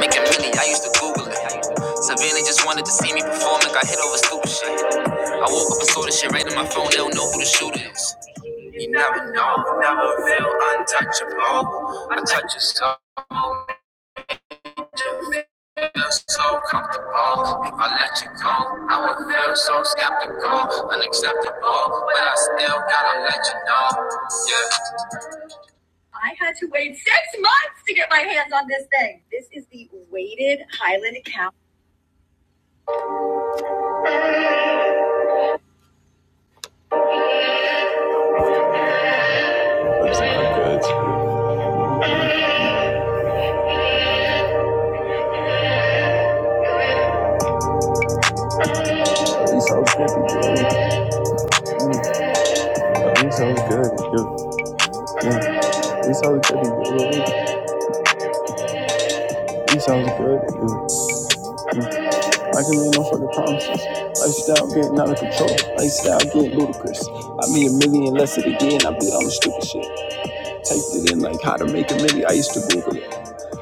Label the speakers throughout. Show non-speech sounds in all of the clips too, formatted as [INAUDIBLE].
Speaker 1: Making million, I used to Google it. Some villain just wanted to see me perform like I hit over stupid shit. I woke up and saw this shit right on my phone, they don't know who the shooter is. You never know, never feel untouchable. I touch your feel so comfortable. If I let you go, I would feel so skeptical, unacceptable. But I still gotta let you know. Yeah. I had to wait six months to get my hands on this thing. This is the weighted Highland cow. Where's my goods? She's so good to do. Mm, so good to do. Mm, so good to do. We so good Mm, I can make no fucking promises. Lifestyle getting out of control. Lifestyle getting ludicrous. I made a million less of the year and I bet all the stupid shit. Typed it in like how to make a million. I used to Google it.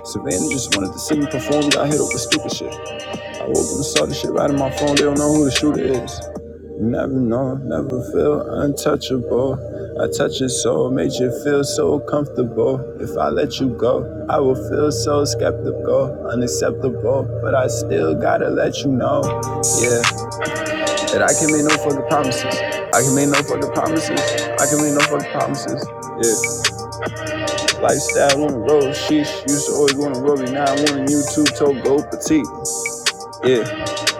Speaker 1: Savannah just wanted to see me perform. Got hit over stupid shit. I woke up and saw the shit right in my phone. They don't know who the shooter is. Never know, never feel untouchable. I touch your soul, made you feel so comfortable. If I let you go, I will feel so skeptical, unacceptable. But I still gotta let you know, yeah, that I can make no fucking promises. I can make no fucking promises. I can make no fucking promises. Yeah. Lifestyle on the road, sheesh. Used to always want to roll me, now I want a YouTube toe go petite. Yeah,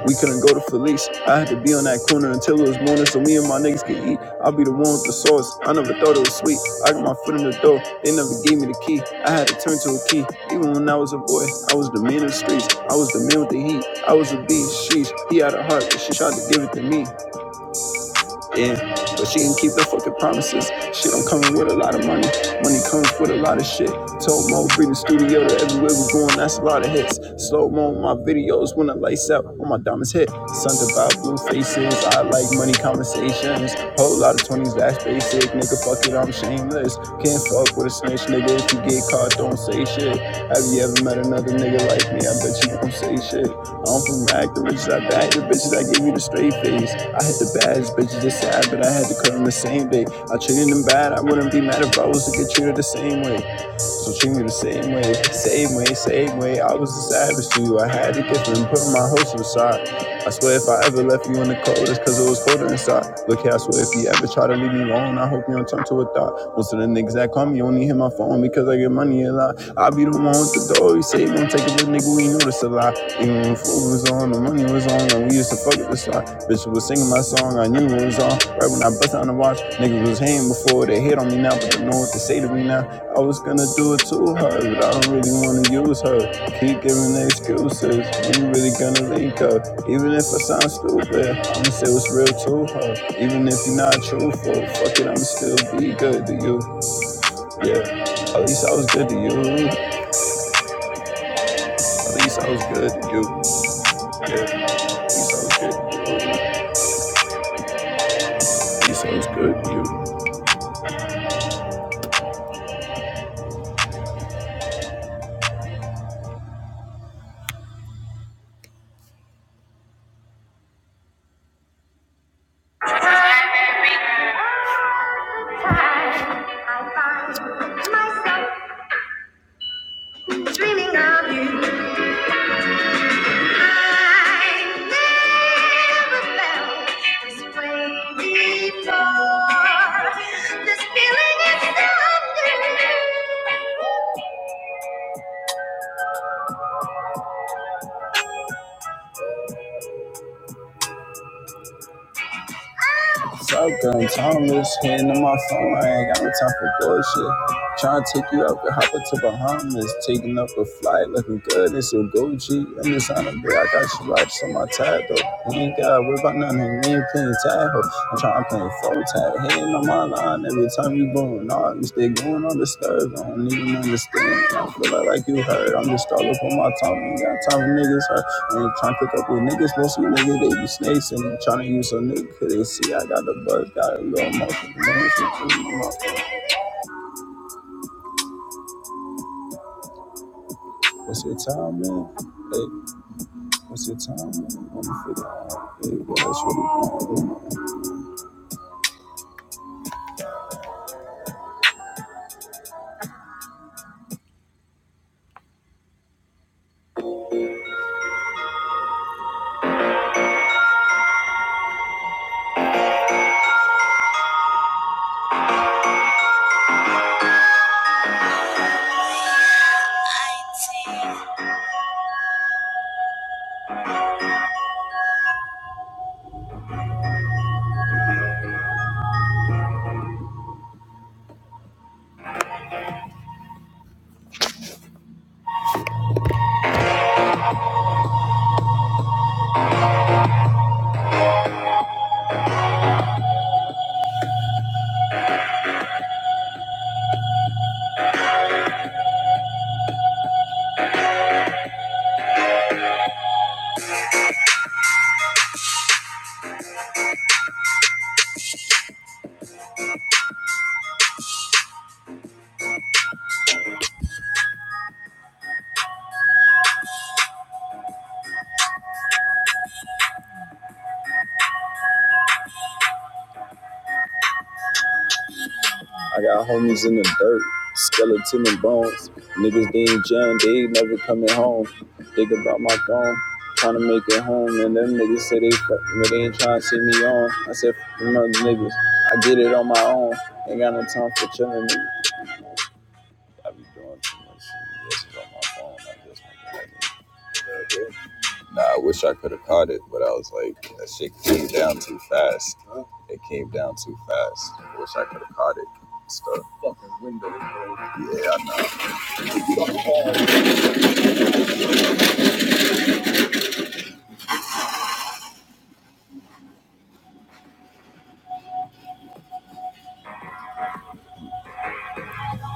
Speaker 1: we couldn't go to Felice. I had to be on that corner until it was morning so me and my niggas could eat. I'll be the one with the sauce. I never thought it was sweet. I got my foot in the door. They never gave me the key. I had to turn to a key. Even when I was a boy, I was the man of the streets. I was the man with the heat. I was a beast. Sheesh, he had a heart, but she tried to give it to me. Yeah, but she can keep her fucking promises. Shit, I'm coming with a lot of money. Money comes with a lot of shit. Told Mo, bring the studio to everywhere we going, that's a lot of hits. Slow mo on my videos when the lights out on my diamonds hit. Sons of our blue faces, I like money conversations. Whole lot of 20s, that's basic. Nigga, fuck it, I'm shameless. Can't fuck with a snitch, nigga. If you get caught, don't say shit. Have you ever met another nigga like me? I bet you don't say shit. I'm from rag, the bitches. I bag the bitches. I gave you the straight face. I hit the baddest bitches. It's sad, but I had to cut them the same day. I treated them bad. I wouldn't be mad if I was to get treated the same way. So treat me the same way, same way, same way. I was a savage to you. I had to get them, put my hoes to the side. I swear if I ever left you in the cold, it's cause it was colder inside. Look here, I swear if you ever try to leave me alone, I hope you don't turn to a thought. Most of the niggas that call me only hit my phone because I get money a lot. I be the one with the door. He say he won't take it, but nigga, we know this a lot, Even when food was on, the money was on, and we used to fuck it this lot. Bitch was singing my song, I knew it was on. Right when I bust down the watch, niggas was hating before they hit on me now, but they know what to say to me now. I was gonna do it to her, but I don't really wanna use her. Keep giving excuses, ain't really gonna link up. Even if I sound stupid, I'ma say what's real to her. Even if you're not truthful, fuck it, I'ma still be good to you. Yeah, at least I was good to you. He sounds good to you. Yeah, he sounds good. to you. He sounds good to you. I find myself dreaming of you. I never felt this way before. This feeling is so new. Shotgun, Thomas, hitting on my phone. I ain't got no time for bullshit. Trying to take you out, could hop up to Bahamas. Taking up a flight, looking good. It's your Gucci. I'm just on a bit. I got you watched on my tag, though. You ain't got to worry about nothing. You ain't playing tag, ho. I'm trying to play full tag. Hitting on my line every time you going on. You stay going on the stirred. I don't even understand. I feel like, like you heard. I'm just all up on my tongue. Ain't got time for niggas hurt. And trying to cook up with niggas, most of you niggas they be snakes and trying to use a nigga 'cause they see I got the buzz, got a little motherfucking so like, What's your time, man? Hey, what's your time, man? Let me figure out. Hey, well, that's really cool. I got homies in the dirt, skeleton and bones. Niggas they ain't jail, they ain't never coming home. Think about my phone. Trying to make it home, and them niggas say they fuck me, they ain't trying to see me on. I said, fuck them other niggas, I get it on my own. Ain't got no time for chillin', nigga. I be doing too much shit. This on my phone. I just want it. Nah, I wish I could have caught it, but I was like, that shit came down too fast. It came down too fast. I wish I could have caught it. Stuff.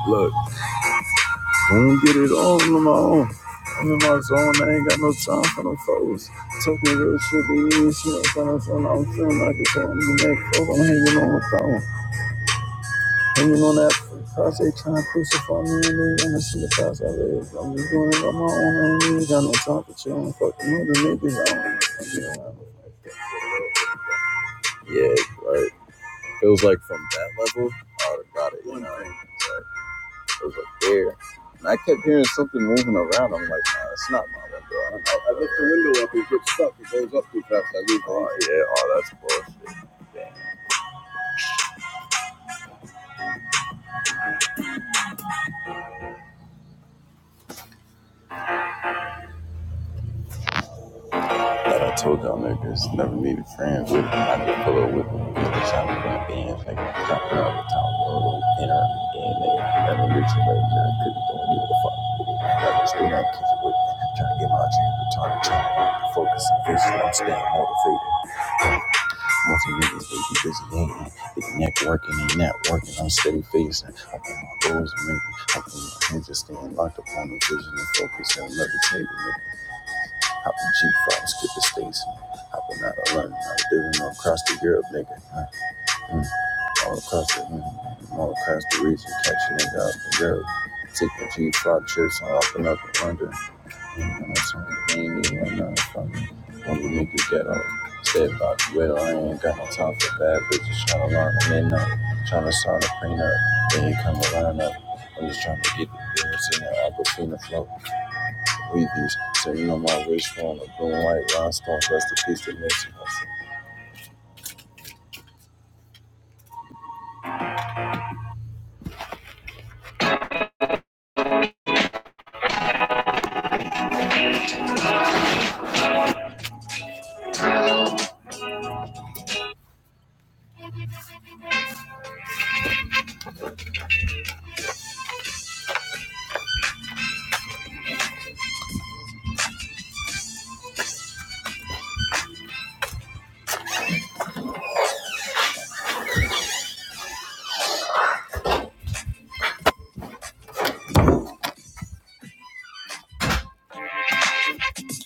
Speaker 1: Look, I'm gonna get it on on my own. I'm in my zone. I ain't got no time for no foes. Talking real shit, but you ain't shit. I'm feeling like it's on the neck. Oh, I'm hanging on the phone. Even on that cross, they trying to crucify me and they wanna see the cross I live. I'm just doing it on my own. I ain't even got no time for you. I'm fucking niggas. I don't. Yeah, right. Feels like from that level, I would have got it. You know, like, it was up there. And I kept hearing something moving around. I'm like, nah, it's not my window. I, do I lift the window up, it gets stuck. It goes up too fast. I leave. Oh, yeah. Oh, that's bull. Like I told y'all niggas, never needed friends with them. I just pull up with them. Just trying to bump in, like, jumping out of town, road, enter in, they never reaching right I Couldn't do it, give a fuck. Like, i was still not kicking with me. Trying to get my chance, but trying to try to focus and vision. I'm staying motivated. Most of niggas, they be busy hating. They be networking and networking. I'm steady facing. I put my goals in me. I put my hands just staying locked up on the vision and focus on levitating. Hop the G phone, skip the states, Hopping out of London, I'm living all across the Europe, nigga. Uh, mm, All across the, mm, all across the region, catching nigga up in Europe. Taking G five trips, I'm hopping up in London. Mm, I'm something ain't even nothing from me. When we make it ghetto, stay about the widow. I ain't got no time for bad bitches trying to line them in up, trying to sign a prenup. Then you come to line up. I'm just trying to get the bills in the Aquafina flow. Weebies, sitting on my wrist phone, a blue and white rhinestone, rest in peace to Nipsey Hussle.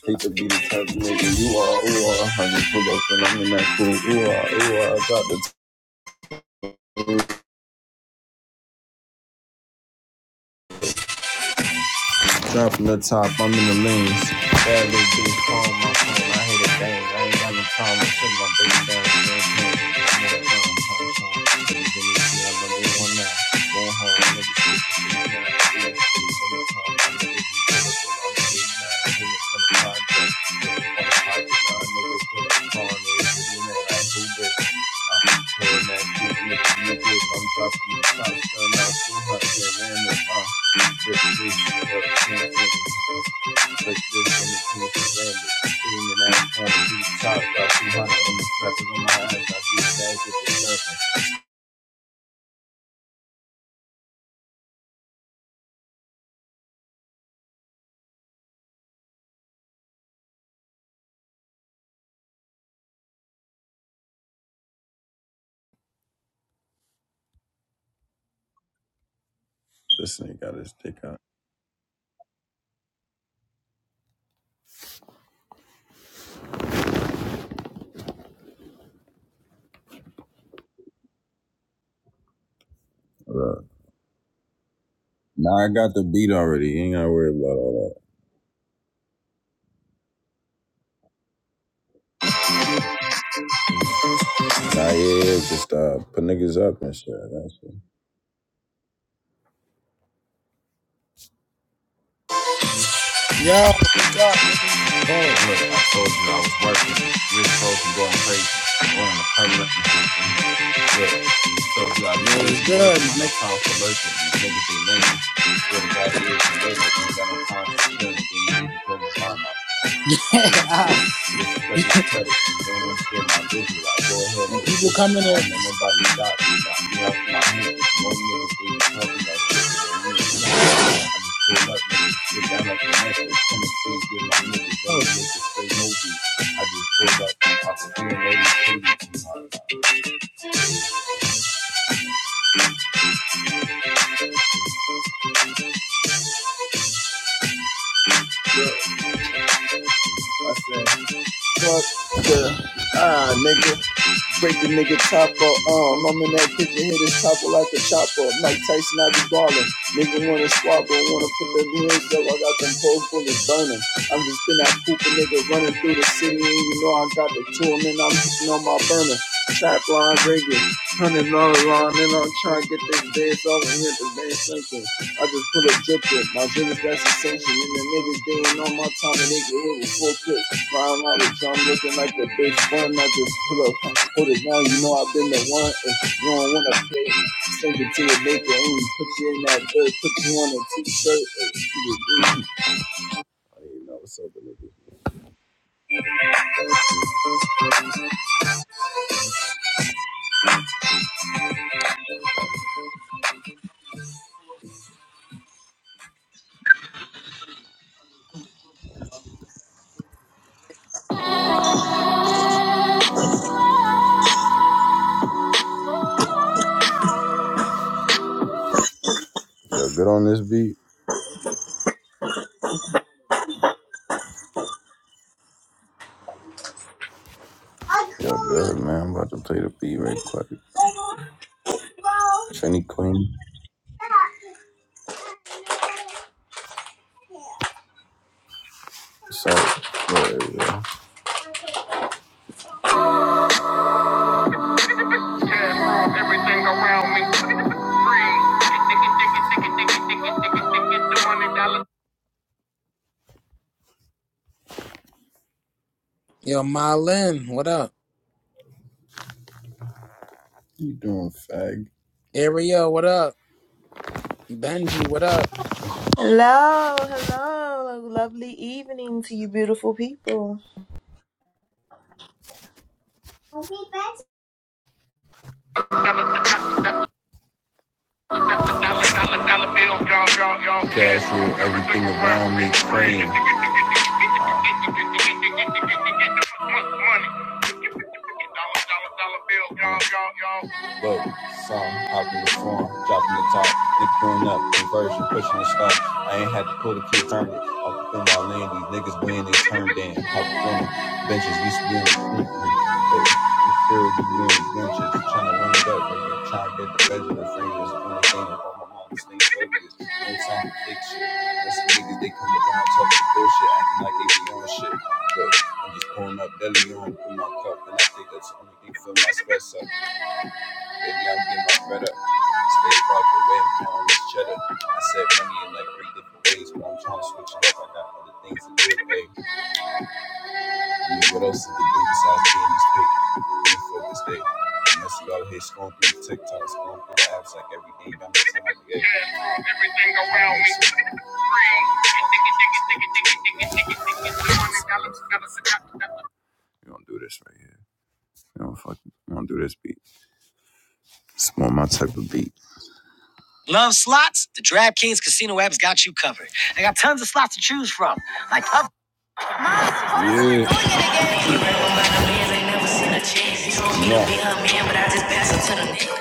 Speaker 1: Hate to be the type of nigga you are, ooh, ah, I just pull up and I'm in that cool, ooh, ah, ooh, ah, I drop the Dropping the top, I'm in the lanes. Bad little bitch calling my phone. I hate a thing. I ain't got no time. I'm shutting my baby down. I'm in that phone. I'm dropping the top, turn out too hot, man. This nigga got his dick out. Look, Now I got the beat already. You ain't gotta worry about all that. Nah, yeah, yeah, just uh, put niggas up and shit. That's it.
Speaker 2: Yo, wake up, nigga. Pause.
Speaker 1: Hang up the Yeah. So you i been
Speaker 2: Yo, it's
Speaker 1: busy
Speaker 2: good,
Speaker 1: working,
Speaker 2: my
Speaker 1: no
Speaker 2: nigga.
Speaker 1: time for lurking. These niggas be lame. what to God, it is and later. Ain't got no time for chilling. Then you need to go and find my uh,
Speaker 2: [LAUGHS]
Speaker 1: disrespect my
Speaker 2: Alright.
Speaker 1: credit. They don't understand my vision. I go ahead
Speaker 2: [LAUGHS]
Speaker 1: and go
Speaker 2: when
Speaker 1: get it.
Speaker 2: people come in
Speaker 1: I
Speaker 2: here,
Speaker 1: don't let nobody stop me. Now I'm out my head. More niggas they be talking that shit, but they mean shit. I just pull up, niggas, sit down like the next. Come and see, get my niggas, bring
Speaker 2: oh.
Speaker 1: the niggas, say no beat. I said. Fuck the ah, nigga. Break the nigga top up, um, I'm in that kitchen, hit his top up like a chopper. Mike Tyson, I be ballin'. Nigga wanna squabble, wanna put them hands up, I got them both bullets burning. I'm just in that Cooper nigga running through the city, and you know I got the tool, and I'm sitting on my burner. Trap line ringing, hundred dollar line, and I'm trying to get this dance off and hit the band sinking. I just put a drip in, my drip is that's essential, and the niggas they ain't on my time, and they get hit with full clip. Flying out the drum looking like a bitch bun, I just pull up Put it down, you know I've been the one. If you don't wanna pay, send it to your maker and put you in that dirt, put you on a t-shirt. Yo, good on this beat.
Speaker 3: I
Speaker 1: Yo,
Speaker 3: call
Speaker 1: good man. I'm about to play the beat
Speaker 3: it
Speaker 1: right quick.
Speaker 3: all that.
Speaker 1: Trini Queen, what's up? What area? Everything around me.
Speaker 2: yo, Marlin, what up?
Speaker 1: Free. You doing
Speaker 2: Ariel, what up? Benji, what up?
Speaker 3: Hello, hello. Lovely evening to you beautiful people. Happy birthday.
Speaker 1: fag? Castle, everything around me frame. Look, some hopping the form, dropping the top, nigga growing up, conversion, pushing the stop. I ain't had to pull the key turn it up in my lane. These niggas win, they turn down. Hop on benches, used to be on the you feel me? Being adventurous, trying to run it up, baby. Trying to get the legend of fame. That's the only thing that on my mind. Stay focused. No time to fix shit. That's the niggas, they come around talking bullshit, acting like they be on shit. Look, I'm just pouring up deli on, put my cup, and I think that's the only thing fill my stress up. Baby, I'm getting my bread up. Stay about the way I'm calling this cheddar. I said money in like three different ways, but I'm trying to switch it up. I got other things to do, baby. I mean, what else did they do besides being this big? Being focused big. And y'all here scrolling through the TikTok, scrolling through the apps like every day. I'm just trying to get everything around me. We don't do this right here. We don't fuck. We don't do this beat. It's more my type of beat. Love. Yeah.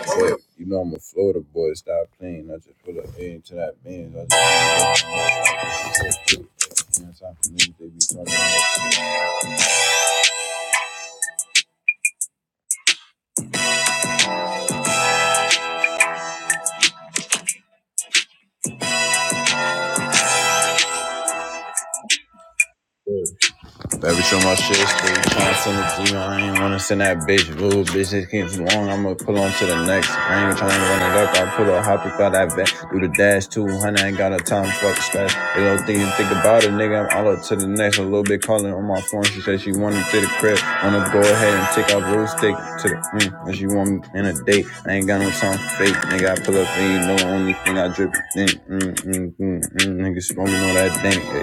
Speaker 1: But, you know I'm a Florida boy. Stop playing. I just put up into that band. I just. You know, it's time for me. They be talking. Every show my shit straight, trying to send it I ain't wanna send that bitch blue. Bitch, it not too long, I'ma pull on to the next. I ain't trying to run it up, I pull a hop without that vet. Do the dash 200, I ain't got a time fuck scratch. They Don't think you think about it, nigga, I'm all up to the next. A little bit calling on my phone, she said she wanted to the crib. Wanna go ahead and take out real stick to the, mm, and she want me in a date. I ain't got no time for fake, nigga, I pull up and you know the only thing I drip is in. Mm, mm, mm, mm, nigga, smoking all that dank.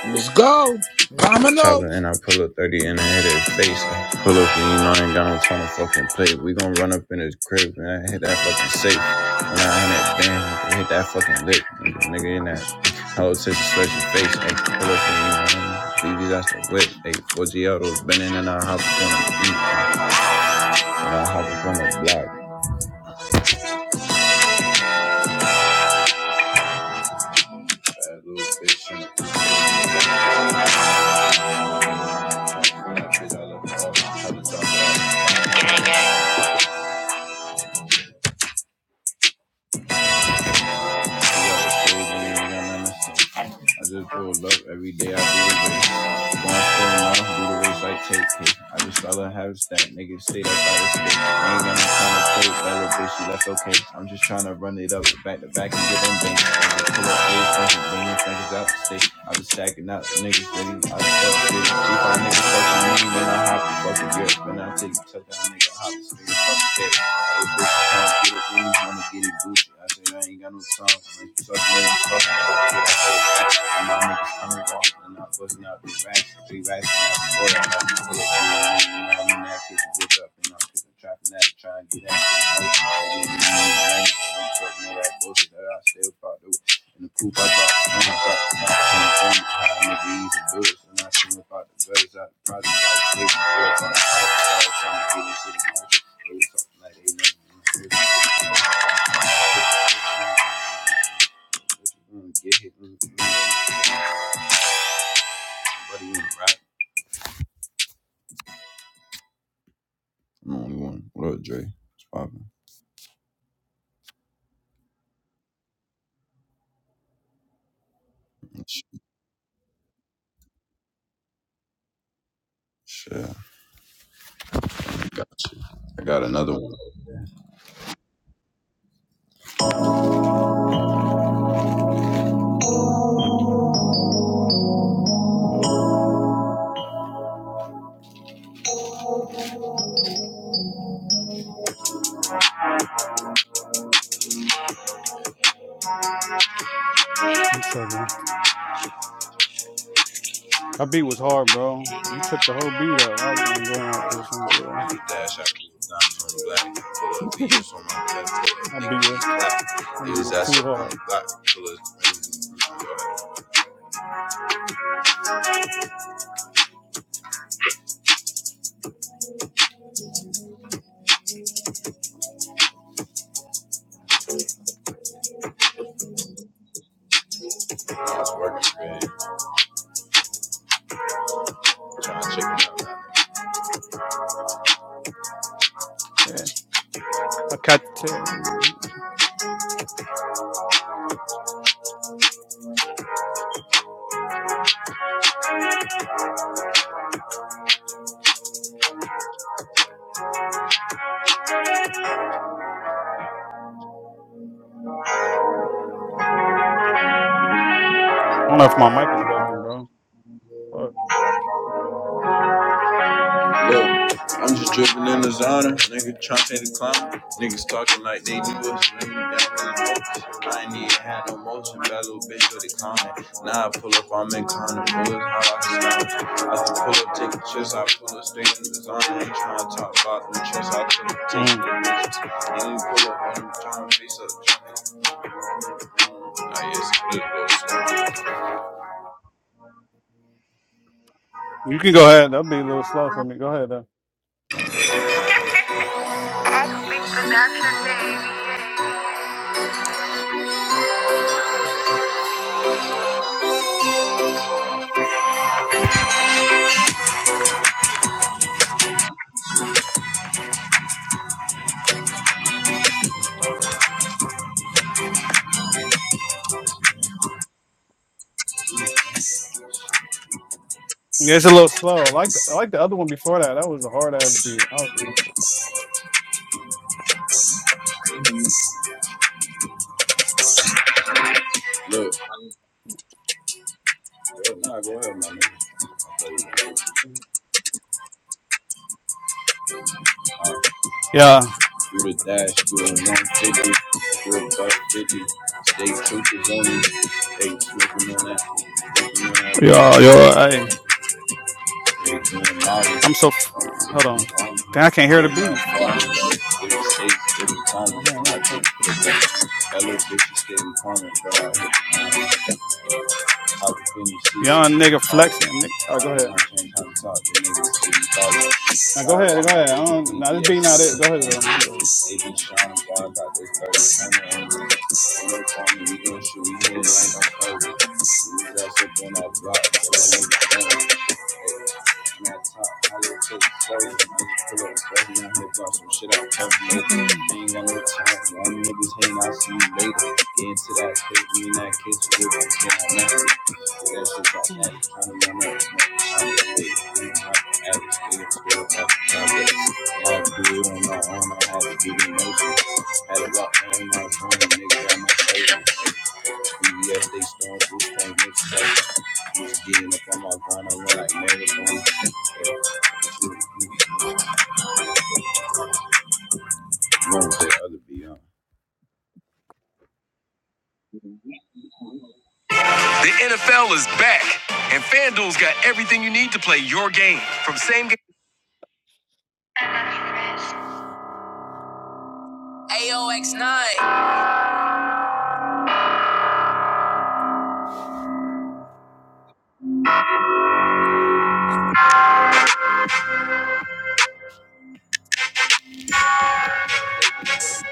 Speaker 2: Let's go. Domino.
Speaker 1: Chopper and I pull up 30 and I hit his face. Pull up and you know I ain't got no time to fucking play. We gon' run up in his crib and I hit that fucking safe. When I hit that band, I hit that fucking lick. Nigga, nigga in that whole tip to stretch his face. Ay, pull up and you know BB's out the whip. Ay, 4G autos bending and I hop up on the beat. And I hop up on the block. That little bitch in the- bitch. I love her. I love her. I just pulled up every day. I do the race. Going full mouth, do the race like take it. I just all I have is that nigga stay that's how it's stay. I ain't got no time to play. That little bitch, she left okay. I'm just trying to run it up back to back and get them banks. I just pull up A's from Pennsylvania, niggas out the state. I was stacking out niggas, baby. I just felt shit. G5 niggas fucking me, then I hop the fucking grip. Then I take the touchdown, nigga, hop the nigga fucking shit. I said I ain't got no time. Unless you talking about busting out the racks, three racks, and I'm pulling up. And I'm in that kitchen, whip up, and I'm taking traffic. And I'm trying to get that. I'm talking about bullshit that I still part do. And the poop I drop, I'm dropping, dropping, dropping, dropping, dropping. I'm breathing, busting. I'm talking about the goods. I'm talking about the goods. I'm talking about the goods. I'm only one. What up, Dre? It's poppin'. Sh- Shit. I got you. I got another one.
Speaker 4: What's up, bro? That beat was hard, bro. You took the whole beat up. I was going to go on that bitch. And go,
Speaker 1: dash out to diamonds on the black. Pull up
Speaker 4: [LAUGHS]
Speaker 1: VUs on my left. Pull up
Speaker 4: that
Speaker 1: Nick
Speaker 4: beat was that beat
Speaker 1: Niggas
Speaker 4: was
Speaker 1: ass
Speaker 4: too
Speaker 1: up on
Speaker 4: hard.
Speaker 1: the block. Pull up. That's working.
Speaker 4: Yeah, I cut. I don't know if my mic is working, bro. Fuck.
Speaker 1: Look, I'm just dripping in designer, nigga trying to take the climb. Niggas talking like they knew us, nigga down in the hopes. I ain't even had no motion, that little bitch really clowning. Now I pull up, I'm in corner, pull it hard, I slide. I can pull up, take a chance, I pull up, straight in designer, Ain't trying to talk about them. Chest, I took up,
Speaker 4: Mm.
Speaker 1: taking the risks. Ain't even pull up, when I'm trying to face up, just
Speaker 4: You can go ahead. That'll be a little slow for me. Go ahead though. Yeah, it's a little slow. I like the, I like the other one before that. That was a hard ass beat. I was, yeah,
Speaker 1: do the dash, do a 150, do a buck 50. Stay troopers on me, they smoking on that, smoking on that.
Speaker 4: yeah, yeah. Hey,
Speaker 1: Thank
Speaker 4: I'm so. F- hold on. Dang, I can't hear the beat. Fuck. I can't hear. It. All right. Young nigga flexing. Nigga. All right, go ahead. Now go ahead, go ahead. I don't. Now this beat not it. Go ahead, uh, you can go
Speaker 1: you. Man, top, my little tape, sorry, I just pull up, sorry, I'm out here, brought some shit out, calculated. I
Speaker 4: ahead.
Speaker 1: Ain't got no time, all them niggas hating, I'll see you later. Get into that tape, me and that kid, so we'll be getting that nasty. That shit got nasty, tryna run up, I'm just waiting, I'm not average, nigga, still got the confidence. I had to do it on my own, I had to do the motion. Had a lot, man, I was on, nigga, got my favor. CBS, they storm proof point mixtape. Just getting up on my grind, I run like marathon. Wrong with that other beyond. The NFL is back, and FanDuel's got everything you need to play your game. From same game.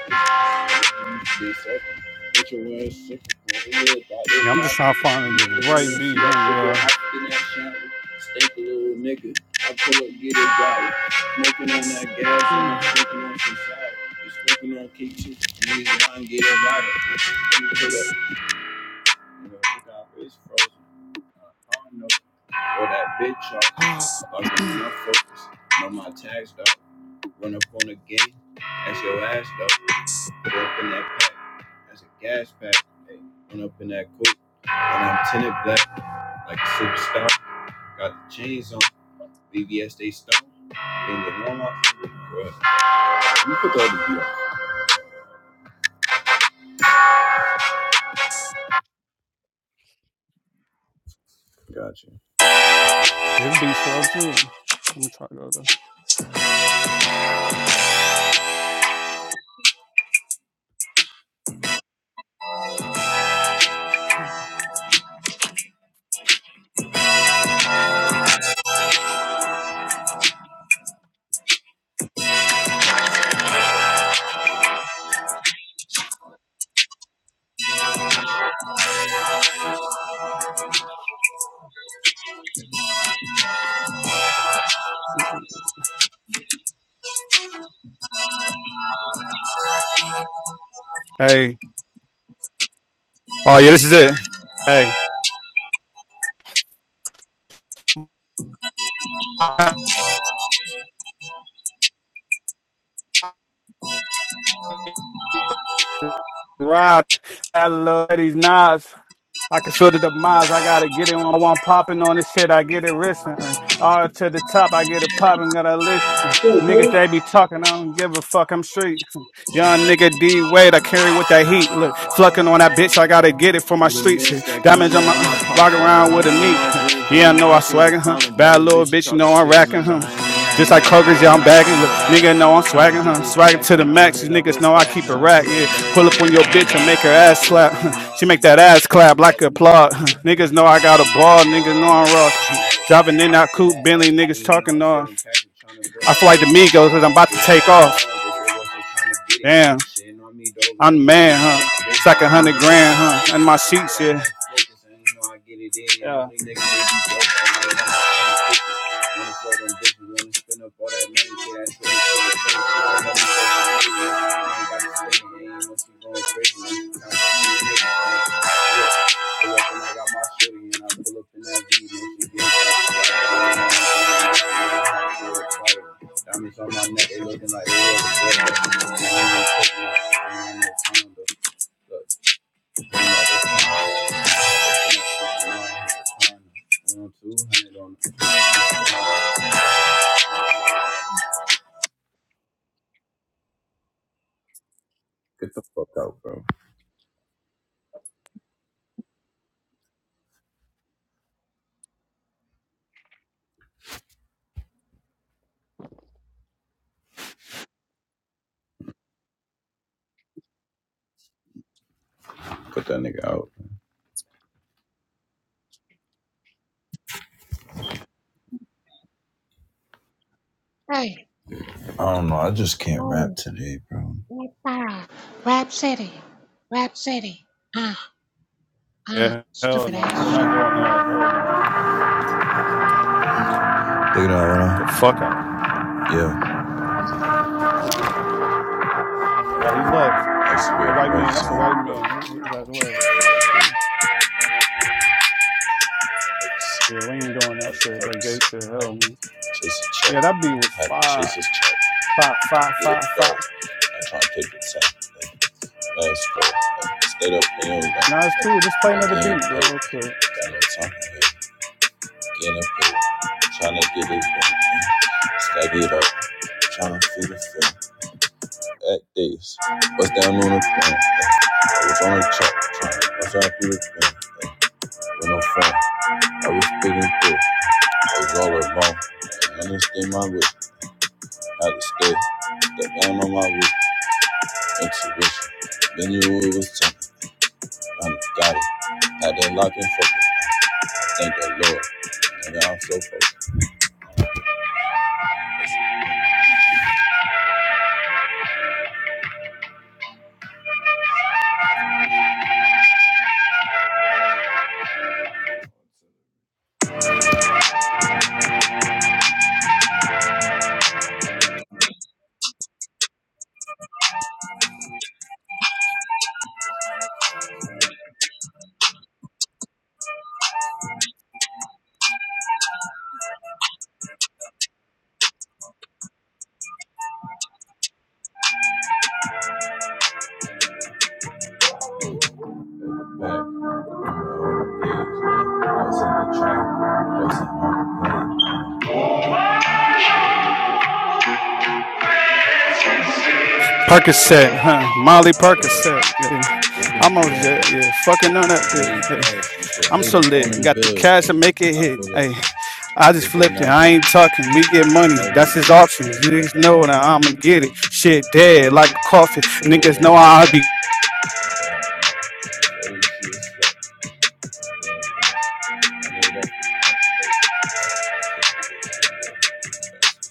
Speaker 1: Stay safe. Get your words sick.
Speaker 4: Yeah, I'm just trying to
Speaker 1: I'm
Speaker 4: find the
Speaker 1: never gonna
Speaker 4: right
Speaker 1: see
Speaker 4: beat.
Speaker 1: that
Speaker 4: Hang
Speaker 1: shit go
Speaker 4: on.
Speaker 1: hop in that shower. Stink a little nigga. I pull up, get it body. Smoking on that gas and I'm smoking on some side. You're smoking on K2. And he's lying, get it right. You pull up. You know, look out, it's frozen. I don't know. Or that bitch
Speaker 4: Uh,
Speaker 1: off. Fucking when I focus. Know my tags, dog. Run up on a game. That's your ass though. Go up in that pack. That's a gas pack. Hey, run up in that coat. And I'm tinted black like a superstar. Got the chains on. BBS they stone. In the warm up. Let put the other beat on. Gotcha.
Speaker 4: [SIGHS] this beat slow too. Let me try to go there. Mm-mm. Hey. Oh yeah, this is it. Hey. Rock. I love these knives. I can feel the demise. I gotta get it on one popping on this shit. I get it risking. Uh, R to the top, I get it popping. Got a list. Uh,
Speaker 5: Okay.
Speaker 4: niggas they be talking. I don't give a fuck. I'm street. [LAUGHS] Young nigga D Wade, I carry with that heat. Look, flucking on that bitch. I gotta get it for my
Speaker 1: You done
Speaker 4: streets. Uh,
Speaker 1: missed like a hundred
Speaker 4: Damage on
Speaker 1: on my
Speaker 4: my [SIGHS] walk around
Speaker 1: pocket.
Speaker 4: with
Speaker 1: Over
Speaker 4: a meat.
Speaker 1: a
Speaker 4: [LAUGHS]
Speaker 1: hundred in my zip, and you
Speaker 4: Yeah, I
Speaker 1: know
Speaker 4: know I
Speaker 1: I changed the
Speaker 4: swaggin' huh?
Speaker 1: climate.
Speaker 4: Bad
Speaker 1: Battle
Speaker 4: little
Speaker 1: bitch
Speaker 4: bitch, you
Speaker 1: talking
Speaker 4: know I'm
Speaker 1: shit.
Speaker 4: racking
Speaker 1: Remember,
Speaker 4: huh?
Speaker 1: I ain't had
Speaker 4: Just like
Speaker 1: nothing. I
Speaker 4: Kroger's, yeah,
Speaker 1: was
Speaker 4: I'm
Speaker 1: out
Speaker 4: bagging.
Speaker 1: from the
Speaker 4: Look, nigga know I'm
Speaker 1: Tryna
Speaker 4: swagging
Speaker 1: get
Speaker 4: huh?
Speaker 1: this
Speaker 4: Swagging
Speaker 1: cash,
Speaker 4: to the
Speaker 1: tryna run
Speaker 4: max. These
Speaker 1: it up
Speaker 4: niggas
Speaker 1: real
Speaker 4: know I
Speaker 1: fast.
Speaker 4: keep a
Speaker 1: Now I
Speaker 4: rack.
Speaker 1: pull up
Speaker 4: yeah.
Speaker 1: every day.
Speaker 4: Pull
Speaker 1: Every
Speaker 4: up on your bitch and make her
Speaker 1: time. I
Speaker 4: ass
Speaker 1: pull up, and
Speaker 4: slap.
Speaker 1: you
Speaker 4: [LAUGHS]
Speaker 1: know
Speaker 4: she
Speaker 1: I'm in
Speaker 4: make that
Speaker 1: design.
Speaker 4: ass
Speaker 1: I be
Speaker 4: clap like
Speaker 1: all up on my
Speaker 4: applaud. [LAUGHS]
Speaker 1: grind, and I
Speaker 4: niggas
Speaker 1: ain't
Speaker 4: know
Speaker 1: on
Speaker 4: I
Speaker 1: my
Speaker 4: got a
Speaker 1: phone. I'm
Speaker 4: ball.
Speaker 1: looking
Speaker 4: Niggas
Speaker 1: at
Speaker 4: know
Speaker 1: the
Speaker 4: I'm rock.
Speaker 1: cosmetic.
Speaker 4: [LAUGHS] Driving in
Speaker 1: I'm
Speaker 4: that
Speaker 1: in
Speaker 4: coupe,
Speaker 1: that
Speaker 4: Bentley.
Speaker 1: attic, and
Speaker 4: Niggas
Speaker 1: you know I'm
Speaker 4: talking on.
Speaker 1: serving package, tryna go
Speaker 4: I
Speaker 1: that
Speaker 4: feel like the
Speaker 1: road. nigga.
Speaker 4: Migos because I'm about to
Speaker 1: Get up
Speaker 4: take
Speaker 1: on my own,
Speaker 4: off.
Speaker 1: but they wasn't tryna get it.
Speaker 4: Damn,
Speaker 1: Shitting on me, though, they
Speaker 4: I'm the
Speaker 1: ain't we know. I
Speaker 4: man, huh? It's like a hundred grand, huh? And my sheets, yeah.
Speaker 1: get it I had focus, and you know I get it in, and
Speaker 4: Yeah.
Speaker 1: every nigga, they be dope, I'm like, to Wanna throw them bitches, wanna spin up all that money, shit, that shit, I love you, so much, baby, I ain't got to spend it, ain't no shit going crazy, Pull up and I got my shorty and I pull up in that V and she gets it. Diamonds on my neck, they looking like they were the Get the fuck out, bro. Put that nigga out.
Speaker 6: Hey,
Speaker 1: I don't know. I just can't rap
Speaker 6: oh,
Speaker 1: today, bro. Look
Speaker 6: Web City, Web City. Ah, ah,
Speaker 4: Yeah. Hell
Speaker 6: stupid
Speaker 4: no.
Speaker 6: ass,
Speaker 4: We're
Speaker 6: shut
Speaker 4: not
Speaker 6: up.
Speaker 4: doing that. Hell no.
Speaker 1: at that
Speaker 4: The
Speaker 1: right now.
Speaker 4: fuck out.
Speaker 1: Yeah.
Speaker 4: Oh, he left.
Speaker 1: That's weird.
Speaker 4: A
Speaker 1: I
Speaker 4: white man.
Speaker 1: just, um,
Speaker 4: That's a white
Speaker 1: look,
Speaker 4: man. His, ass love. Like, cool. Yeah, we ain't doing that
Speaker 1: it's-
Speaker 4: shit. That
Speaker 1: it's-
Speaker 4: gay shit.
Speaker 1: like,
Speaker 4: Hell. no.
Speaker 1: just a check.
Speaker 4: Yeah, that beat was
Speaker 1: Had
Speaker 4: five,
Speaker 1: his check,
Speaker 4: five, five,
Speaker 1: get it
Speaker 4: five,
Speaker 1: fell.
Speaker 4: five.
Speaker 1: I try to take the time. Like, last call. Like, stayed up in your line. Like,
Speaker 4: Nah, it's cool. Just play
Speaker 1: I'm
Speaker 4: another
Speaker 1: getting
Speaker 4: beat, bro,
Speaker 1: paid.
Speaker 4: real quick. Just
Speaker 1: Got
Speaker 4: play.
Speaker 1: no time for hate. Getting paid. Tryna get it done. Stack it up. Tryna feed the film. At days. Bust down on the phone. I was on a truck. Tryna bust out through the film. With no phone. I was speaking through. I was all alone. And understand my wish. Had to stay. Step down on my wish. Intuition. Then you knew it was time. I'm got it. Got that lock and focus. Thank the Lord. Nigga, I'm so focused. Back in my old days, yeah. I was in the trap. Wasn't on the pain.
Speaker 4: Percocet, huh? Molly
Speaker 1: I
Speaker 4: Percocet.
Speaker 1: feel
Speaker 4: Yeah. yeah.
Speaker 1: it. Whipping
Speaker 4: I'm
Speaker 1: through
Speaker 4: almost
Speaker 1: that
Speaker 4: just, yeah,
Speaker 1: dough.
Speaker 4: fucking on that
Speaker 1: Made
Speaker 4: bitch. Hey,
Speaker 1: bags. Used to
Speaker 4: I'm
Speaker 1: laid
Speaker 4: so
Speaker 1: up
Speaker 4: lit
Speaker 1: on them
Speaker 4: and got the
Speaker 1: bills,
Speaker 4: cash
Speaker 1: though.
Speaker 4: to make it
Speaker 1: I
Speaker 4: hit.
Speaker 1: pull up.
Speaker 4: Hey,
Speaker 1: eh,
Speaker 4: I just
Speaker 1: If they
Speaker 4: flipped it.
Speaker 1: not
Speaker 4: I
Speaker 1: complete,
Speaker 4: ain't talking. We get
Speaker 1: no
Speaker 4: money.
Speaker 1: reason.
Speaker 4: That's
Speaker 1: win.
Speaker 4: his options. You niggas
Speaker 1: Fuck out
Speaker 4: know that
Speaker 1: my mind.
Speaker 4: I'ma get it. Shit
Speaker 1: Nigga,
Speaker 4: dead
Speaker 1: yeah.
Speaker 4: like coffee.
Speaker 1: Nigga, it
Speaker 4: Niggas
Speaker 1: ain't
Speaker 4: know
Speaker 1: hard
Speaker 4: how I
Speaker 1: work.
Speaker 4: be.
Speaker 1: Yeah, yeah. Dirty shit, yeah. Yeah, yeah. I need that.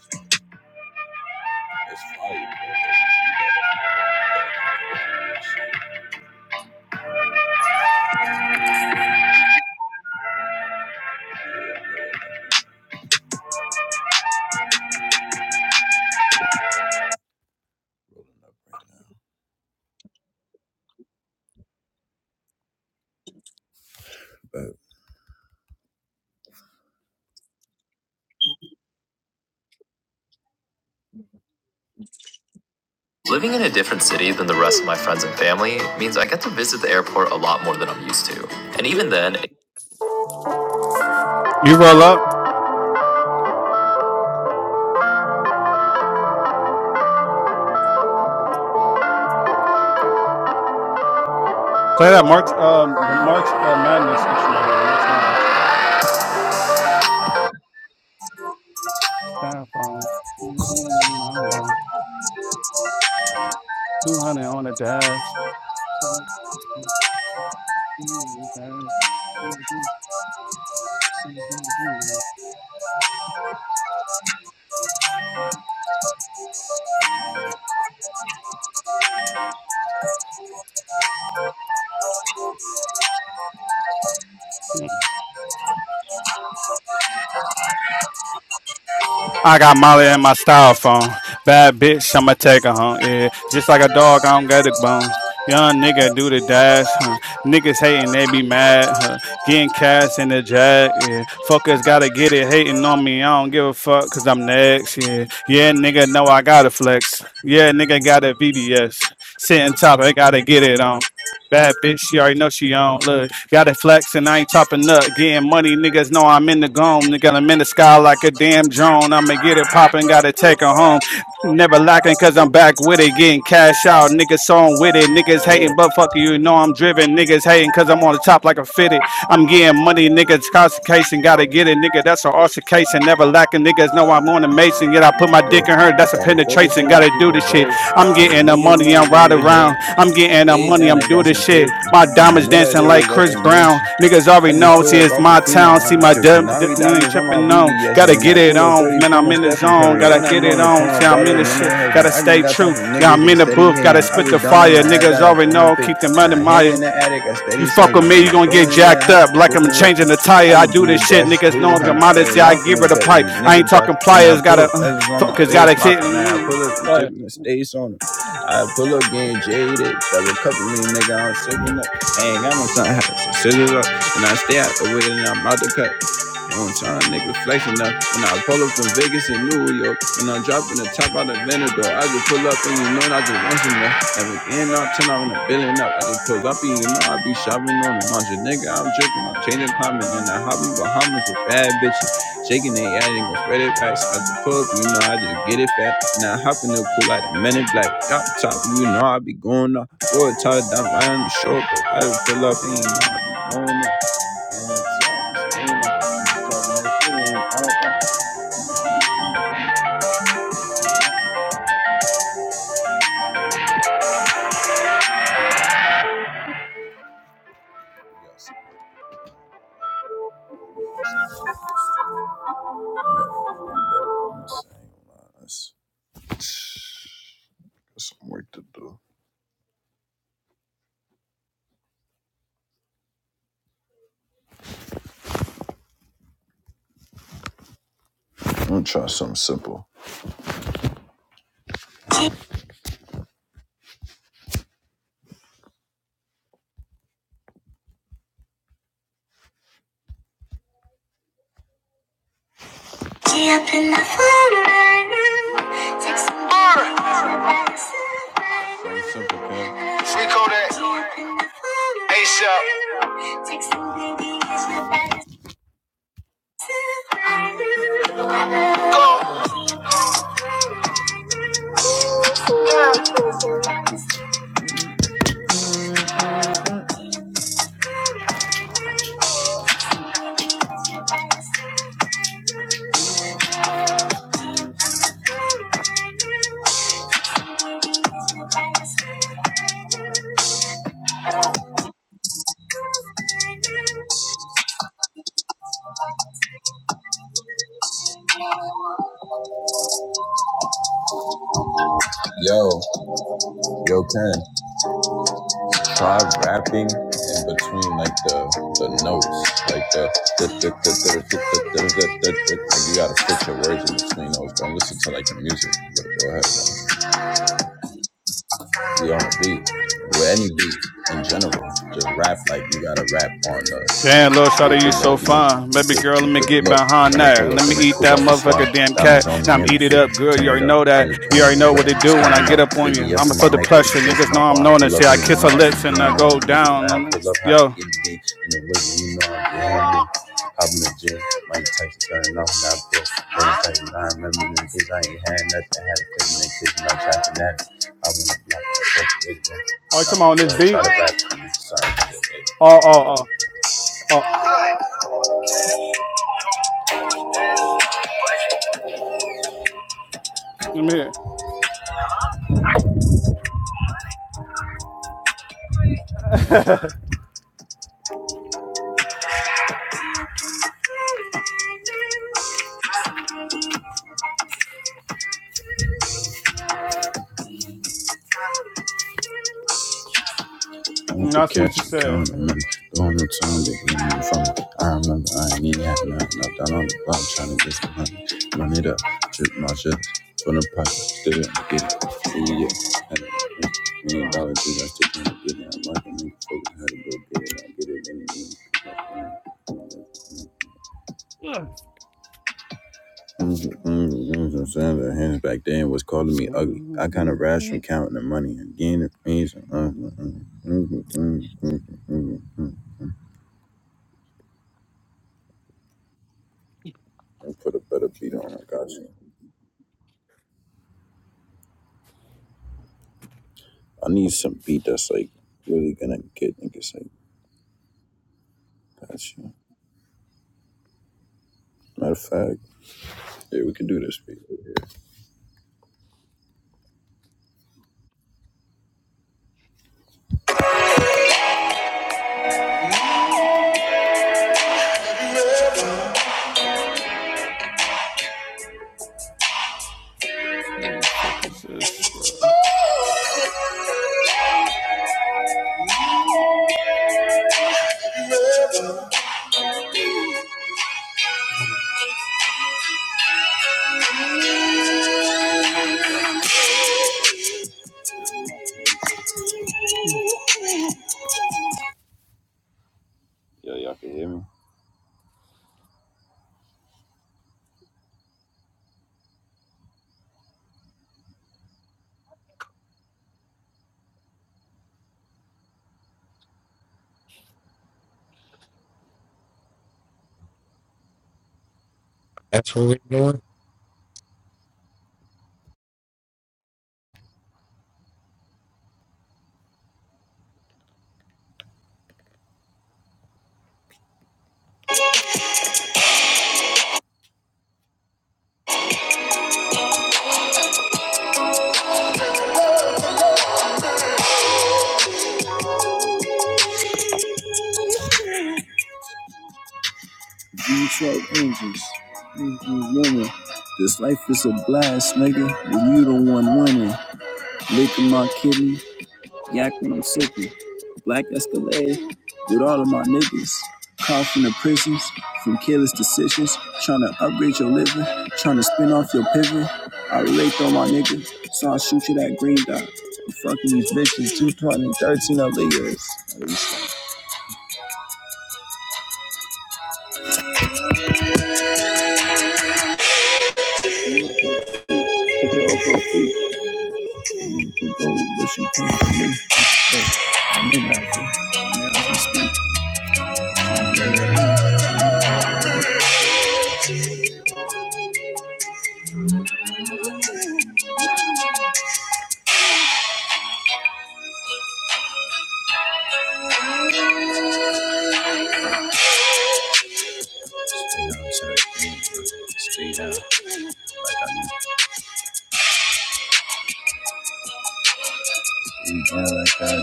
Speaker 1: Living in a different city than the rest of my friends and family means I get to visit the airport a lot more than I'm used to. And even then, look,
Speaker 4: You roll up. Play that March, um, the March uh, Madness instrumental, the March Madness. Stop on. Two hundred on the dash. I got Molly in my styrofoam. Bad bitch, I'ma take her home. Yeah, just like a dog, I don't get a bone. Young nigga do the dash, huh? Niggas hating, they be mad, huh? Getting cash in the jack, yeah. Fuckers gotta get it, hating on me, I don't give a fuck, cause I'm next, yeah. Yeah, nigga, know I gotta flex. Yeah, nigga got a VBS. Sitting top, I gotta get it on. Bad bitch, she already know she on. Look. Gotta flex and I ain't topping up. Getting money, niggas know I'm in the gome. Nigga, I'm in the sky like a damn drone. I'ma get it poppin', gotta take her home. Never lacking cause I'm back with it, getting cash out. Niggas song with it, niggas
Speaker 1: look,
Speaker 4: hating, but fuck you, you know I'm driven. Niggas hating cause I'm on the top like a fitted. I'm getting money, niggas concentration, gotta get it, nigga. That's an altercation. Never lacking, niggas know I'm on a mason. Yet I put my dick in her, that's a
Speaker 1: gotta focus
Speaker 4: penetration.
Speaker 1: on that
Speaker 4: Gotta do
Speaker 1: people,
Speaker 4: this
Speaker 1: bro.
Speaker 4: shit. I'm
Speaker 1: All these
Speaker 4: getting the
Speaker 1: niggas know
Speaker 4: money,
Speaker 1: that
Speaker 4: I'm
Speaker 1: they
Speaker 4: right
Speaker 1: was hate.
Speaker 4: around. I'm getting the
Speaker 1: Stayed
Speaker 4: money,
Speaker 1: down
Speaker 4: I'm
Speaker 1: and
Speaker 4: doing
Speaker 1: got
Speaker 4: this
Speaker 1: some
Speaker 4: shit.
Speaker 1: paper.
Speaker 4: My
Speaker 1: And I
Speaker 4: diamonds
Speaker 1: know that
Speaker 4: dancing
Speaker 1: it was
Speaker 4: like
Speaker 1: at the
Speaker 4: Chris Brown.
Speaker 1: mission.
Speaker 4: Niggas
Speaker 1: I
Speaker 4: already
Speaker 1: just
Speaker 4: know,
Speaker 1: pull
Speaker 4: see,
Speaker 1: up
Speaker 4: it's my
Speaker 1: Aquafina,
Speaker 4: town. See,
Speaker 1: I'm
Speaker 4: my
Speaker 1: tripping.
Speaker 4: dubs
Speaker 1: I
Speaker 4: d-
Speaker 1: read
Speaker 4: ain't
Speaker 1: diamonds on my
Speaker 4: tripping
Speaker 1: VVS,
Speaker 4: on. Gotta
Speaker 1: and
Speaker 4: get
Speaker 1: I
Speaker 4: it
Speaker 1: pull up
Speaker 4: on,
Speaker 1: 30
Speaker 4: man,
Speaker 1: point
Speaker 4: I'm
Speaker 1: on
Speaker 4: in the
Speaker 1: Stephen
Speaker 4: zone.
Speaker 1: Curry,
Speaker 4: Gotta
Speaker 1: and I'm
Speaker 4: get
Speaker 1: on
Speaker 4: it
Speaker 1: the
Speaker 4: on,
Speaker 1: corner
Speaker 4: see, I'm
Speaker 1: baller,
Speaker 4: in the
Speaker 1: and in
Speaker 4: shit.
Speaker 1: heaven.
Speaker 4: Gotta
Speaker 1: I done
Speaker 4: stay
Speaker 1: got time
Speaker 4: true.
Speaker 1: for
Speaker 4: Yeah,
Speaker 1: niggas,
Speaker 4: I'm
Speaker 1: they
Speaker 4: in the
Speaker 1: steady
Speaker 4: booth,
Speaker 1: hating.
Speaker 4: gotta
Speaker 1: I
Speaker 4: spit
Speaker 1: was
Speaker 4: the
Speaker 1: down on
Speaker 4: fire.
Speaker 1: my ass,
Speaker 4: Niggas
Speaker 1: down on
Speaker 4: already
Speaker 1: one
Speaker 4: know,
Speaker 1: pick,
Speaker 4: keep the
Speaker 1: and
Speaker 4: money,
Speaker 1: I hear
Speaker 4: Maya.
Speaker 1: in the attic, I steady
Speaker 4: You fuck
Speaker 1: slanging,
Speaker 4: with me,
Speaker 1: and
Speaker 4: you
Speaker 1: I'm
Speaker 4: gonna get
Speaker 1: pulling again,
Speaker 4: jacked
Speaker 1: hopping,
Speaker 4: up like I'm
Speaker 1: cooking, with me.
Speaker 4: changing the
Speaker 1: I
Speaker 4: tire. I
Speaker 1: just do
Speaker 4: do
Speaker 1: the
Speaker 4: this shit,
Speaker 1: dash,
Speaker 4: niggas know the
Speaker 1: 200,
Speaker 4: modesty.
Speaker 1: starting
Speaker 4: I
Speaker 1: off in
Speaker 4: give
Speaker 1: the
Speaker 4: her the pipe.
Speaker 1: veteran,
Speaker 4: I
Speaker 1: nigga
Speaker 4: ain't talking
Speaker 1: jocking, and I
Speaker 4: pliers,
Speaker 1: pull up
Speaker 4: gotta uh,
Speaker 1: letters on my
Speaker 4: focus,
Speaker 1: bed,
Speaker 4: gotta shit.
Speaker 1: smopping, and
Speaker 4: Mm,
Speaker 1: I
Speaker 4: mm.
Speaker 1: pull up and
Speaker 4: yeah.
Speaker 1: tipping the stays on them. I pull up getting jaded, double cup me, nigga, I'm sipping up. I ain't got no time, so sit it up. And I stay out the way and I'm out the cut. On time, nigga flexing up. When I pull up from Vegas and New York, and I'm dropping the top out of Venador, I just pull up and you know I just want some more. Every end up, ten, I wanna billion up. I just pull up and you know I be shopping on the launch. Nigga, I'm tripping, I'm changing climate and I hop in Bahamas with bad bitches. Shaking they ass and gon' spread it back. So I just pull up, you know I just get it back. Now I hop in the pool like the men in black. top top, you know I be going up. Boy, tired, I'm lying on the shore, but I just pull up and you know I be going up. Take Free Kodak. ASAP. Go. Yo, yo, Ken. So I rapping in between like the the notes, like the the the the the the the the the the the like you gotta fit your words in between those. Don't listen to like the music, but go ahead, bro. be on a beat, with any beat in general. Just rap like you gotta rap on the
Speaker 4: Damn, little shawty, you
Speaker 1: within the,
Speaker 4: so
Speaker 1: you know,
Speaker 4: fine.
Speaker 1: the,
Speaker 4: Baby
Speaker 1: the,
Speaker 4: girl, let me
Speaker 1: the
Speaker 4: get
Speaker 1: look.
Speaker 4: behind
Speaker 1: Running pull
Speaker 4: that.
Speaker 1: up
Speaker 4: Let
Speaker 1: in
Speaker 4: me
Speaker 1: it,
Speaker 4: eat
Speaker 1: cool
Speaker 4: that
Speaker 1: out the
Speaker 4: motherfucker
Speaker 1: slide.
Speaker 4: damn
Speaker 1: Diamonds
Speaker 4: cat.
Speaker 1: on
Speaker 4: Now
Speaker 1: me
Speaker 4: I'm
Speaker 1: in the
Speaker 4: eat it
Speaker 1: fit,
Speaker 4: up, girl.
Speaker 1: tin
Speaker 4: You
Speaker 1: it
Speaker 4: already
Speaker 1: up.
Speaker 4: know
Speaker 1: I
Speaker 4: that.
Speaker 1: just
Speaker 4: You
Speaker 1: pull in
Speaker 4: already
Speaker 1: the
Speaker 4: know what
Speaker 1: whip,
Speaker 4: they
Speaker 1: just
Speaker 4: do when I
Speaker 1: coming up.
Speaker 4: get up on
Speaker 1: Baby,
Speaker 4: you.
Speaker 1: yes,
Speaker 4: I'm
Speaker 1: for my
Speaker 4: for the
Speaker 1: nigga,
Speaker 4: pleasure.
Speaker 1: yes, for
Speaker 4: Niggas
Speaker 1: my
Speaker 4: know I'm
Speaker 1: bar.
Speaker 4: known
Speaker 1: Pull
Speaker 4: and
Speaker 1: up
Speaker 4: see,
Speaker 1: and
Speaker 4: I
Speaker 1: you
Speaker 4: kiss
Speaker 1: know
Speaker 4: her
Speaker 1: I be
Speaker 4: lips and I
Speaker 1: doing on
Speaker 4: go
Speaker 1: niggas
Speaker 4: down.
Speaker 1: mad.
Speaker 4: And, uh,
Speaker 1: Pull up how they
Speaker 4: yo.
Speaker 1: get me in the way, you know I be handling. Hop in the gym, Mike Tyson turning off Now pill. When it's like remember them kids, I ain't had nothing, had to pay them kids, and I'm trapping at it. I wanna block the fuck
Speaker 4: Oh, you
Speaker 1: Nah,
Speaker 4: talking about on this
Speaker 1: try
Speaker 4: beat?
Speaker 1: to back me. Sorry,
Speaker 4: Oh, oh, oh. Oh, let me hear. it.
Speaker 1: I
Speaker 4: [LAUGHS]
Speaker 1: want to
Speaker 4: now I see what you
Speaker 1: catch and count count 'em and
Speaker 4: said.
Speaker 1: don't know time to get them from. I remember I ain't even had nothing. I thought on the block trying to get some money. Money to trip my shit from the pocket. Still didn't get it. Ooh, yeah. Had a million
Speaker 4: Ugh.
Speaker 1: dollar dude. I still didn't get it. I'm like a nigga focus how to go get it. I get it
Speaker 4: [SIGHS]
Speaker 1: anyway. I'm saying the hands back then was calling me ugly. I kind of
Speaker 4: Ugh.
Speaker 1: rashed from counting the money and getting the things. And uh, uh, uh, uh, uh, uh, uh, uh, uh, uh, uh, uh, put a better beat on it. Gotcha. I need some beat that's like really gonna get niggas like gotcha. Matter of fact, yeah, we can do this beat right here.
Speaker 4: Who the fuck is this, bro?
Speaker 1: Yeah, y'all can hear me.
Speaker 7: That's what we're doing.
Speaker 1: You truck angels, angels This life is a blast, nigga. When you the one winning, licking my kidney, yakking I'm sick. Black Escalade, with all of my niggas. Call from the prisons, from careless decisions, trying to upgrade your living, trying to spin off your pivot. I relate though, my nigga, so I shoot you that green dot. I'm fucking these bitches, 2013 other years. Zero Straight out, like I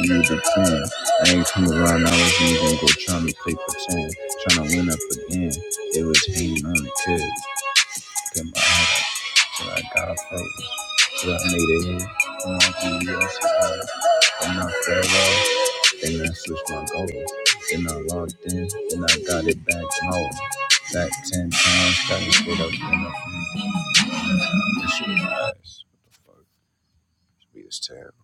Speaker 1: need a plan. I ain't come around, I was even go trying to play pretend, trying to win up again. They was hating on the kids, get my ass. I got a face that made it in. I'm on GPS, I'm not fair Then I switched my goal. Then I logged in. Then I got it back home. Back 10 times. Got it split up in the This shit ass. What the fuck? This beat is terrible.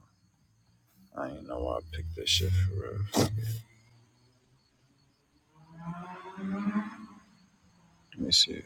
Speaker 1: I ain't know why I picked this shit for real. Let me see.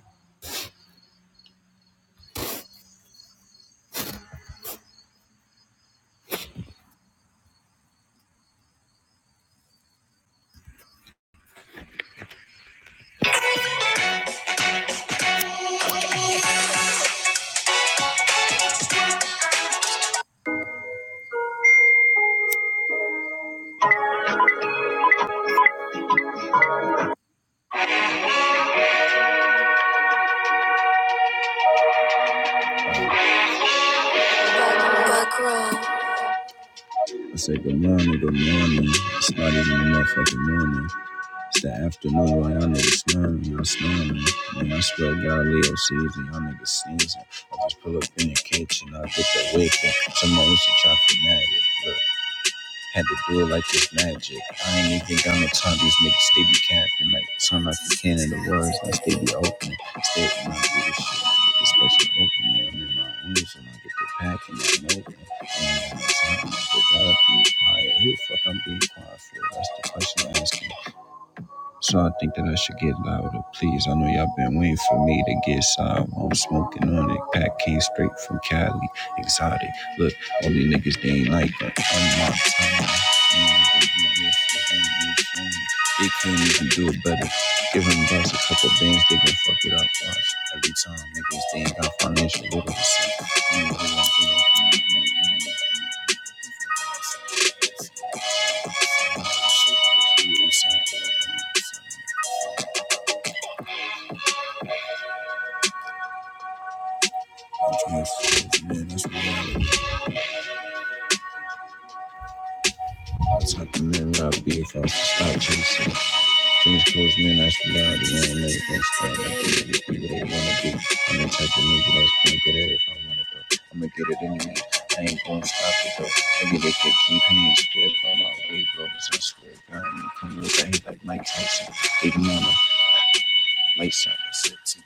Speaker 1: I said good morning, good morning. It's not even a motherfucking morning. It's the afternoon, y'all niggas snoring, y'all snoring. Man, I swear to God, Leo season, y'all niggas sneezing. I just pull up in the kitchen, I get the whip and Someone used to try fanatic. Look, had to do it like it's magic. I ain't even got no time, these niggas, they be capping. Like, sound like the can in the words, like they be opening. Stay with my this shit. Like the special opening, I'm in my own zone, I get the pack and I'm open. And I'm time, I forgot to be quiet. Who the fuck I'm being quiet for? That's the question I am asking. So I think that I should get louder, please. I know y'all been waiting for me to get side I'm smoking on it. Pack came straight from Cali, exotic. Look, all these niggas, they ain't like that. I'm my time. they can not even do it better. Give them bucks a couple bands, they gon' fuck it up. Watch every time, niggas, they ain't got followers. Man, that's what I'm talking about. Be if I was to stop chasing. These close men that's loud and ain't never gonna stop. I get it if you really wanna be. I'm the type of nigga that's gonna get it if I want it though. I'ma get it anyway. I ain't gonna stop it though. Nigga, they could keep hands spread on my way, bro. It's a square. I swear, going to come look at me like Mike Tyson. Big mama, lights out, I said, T V.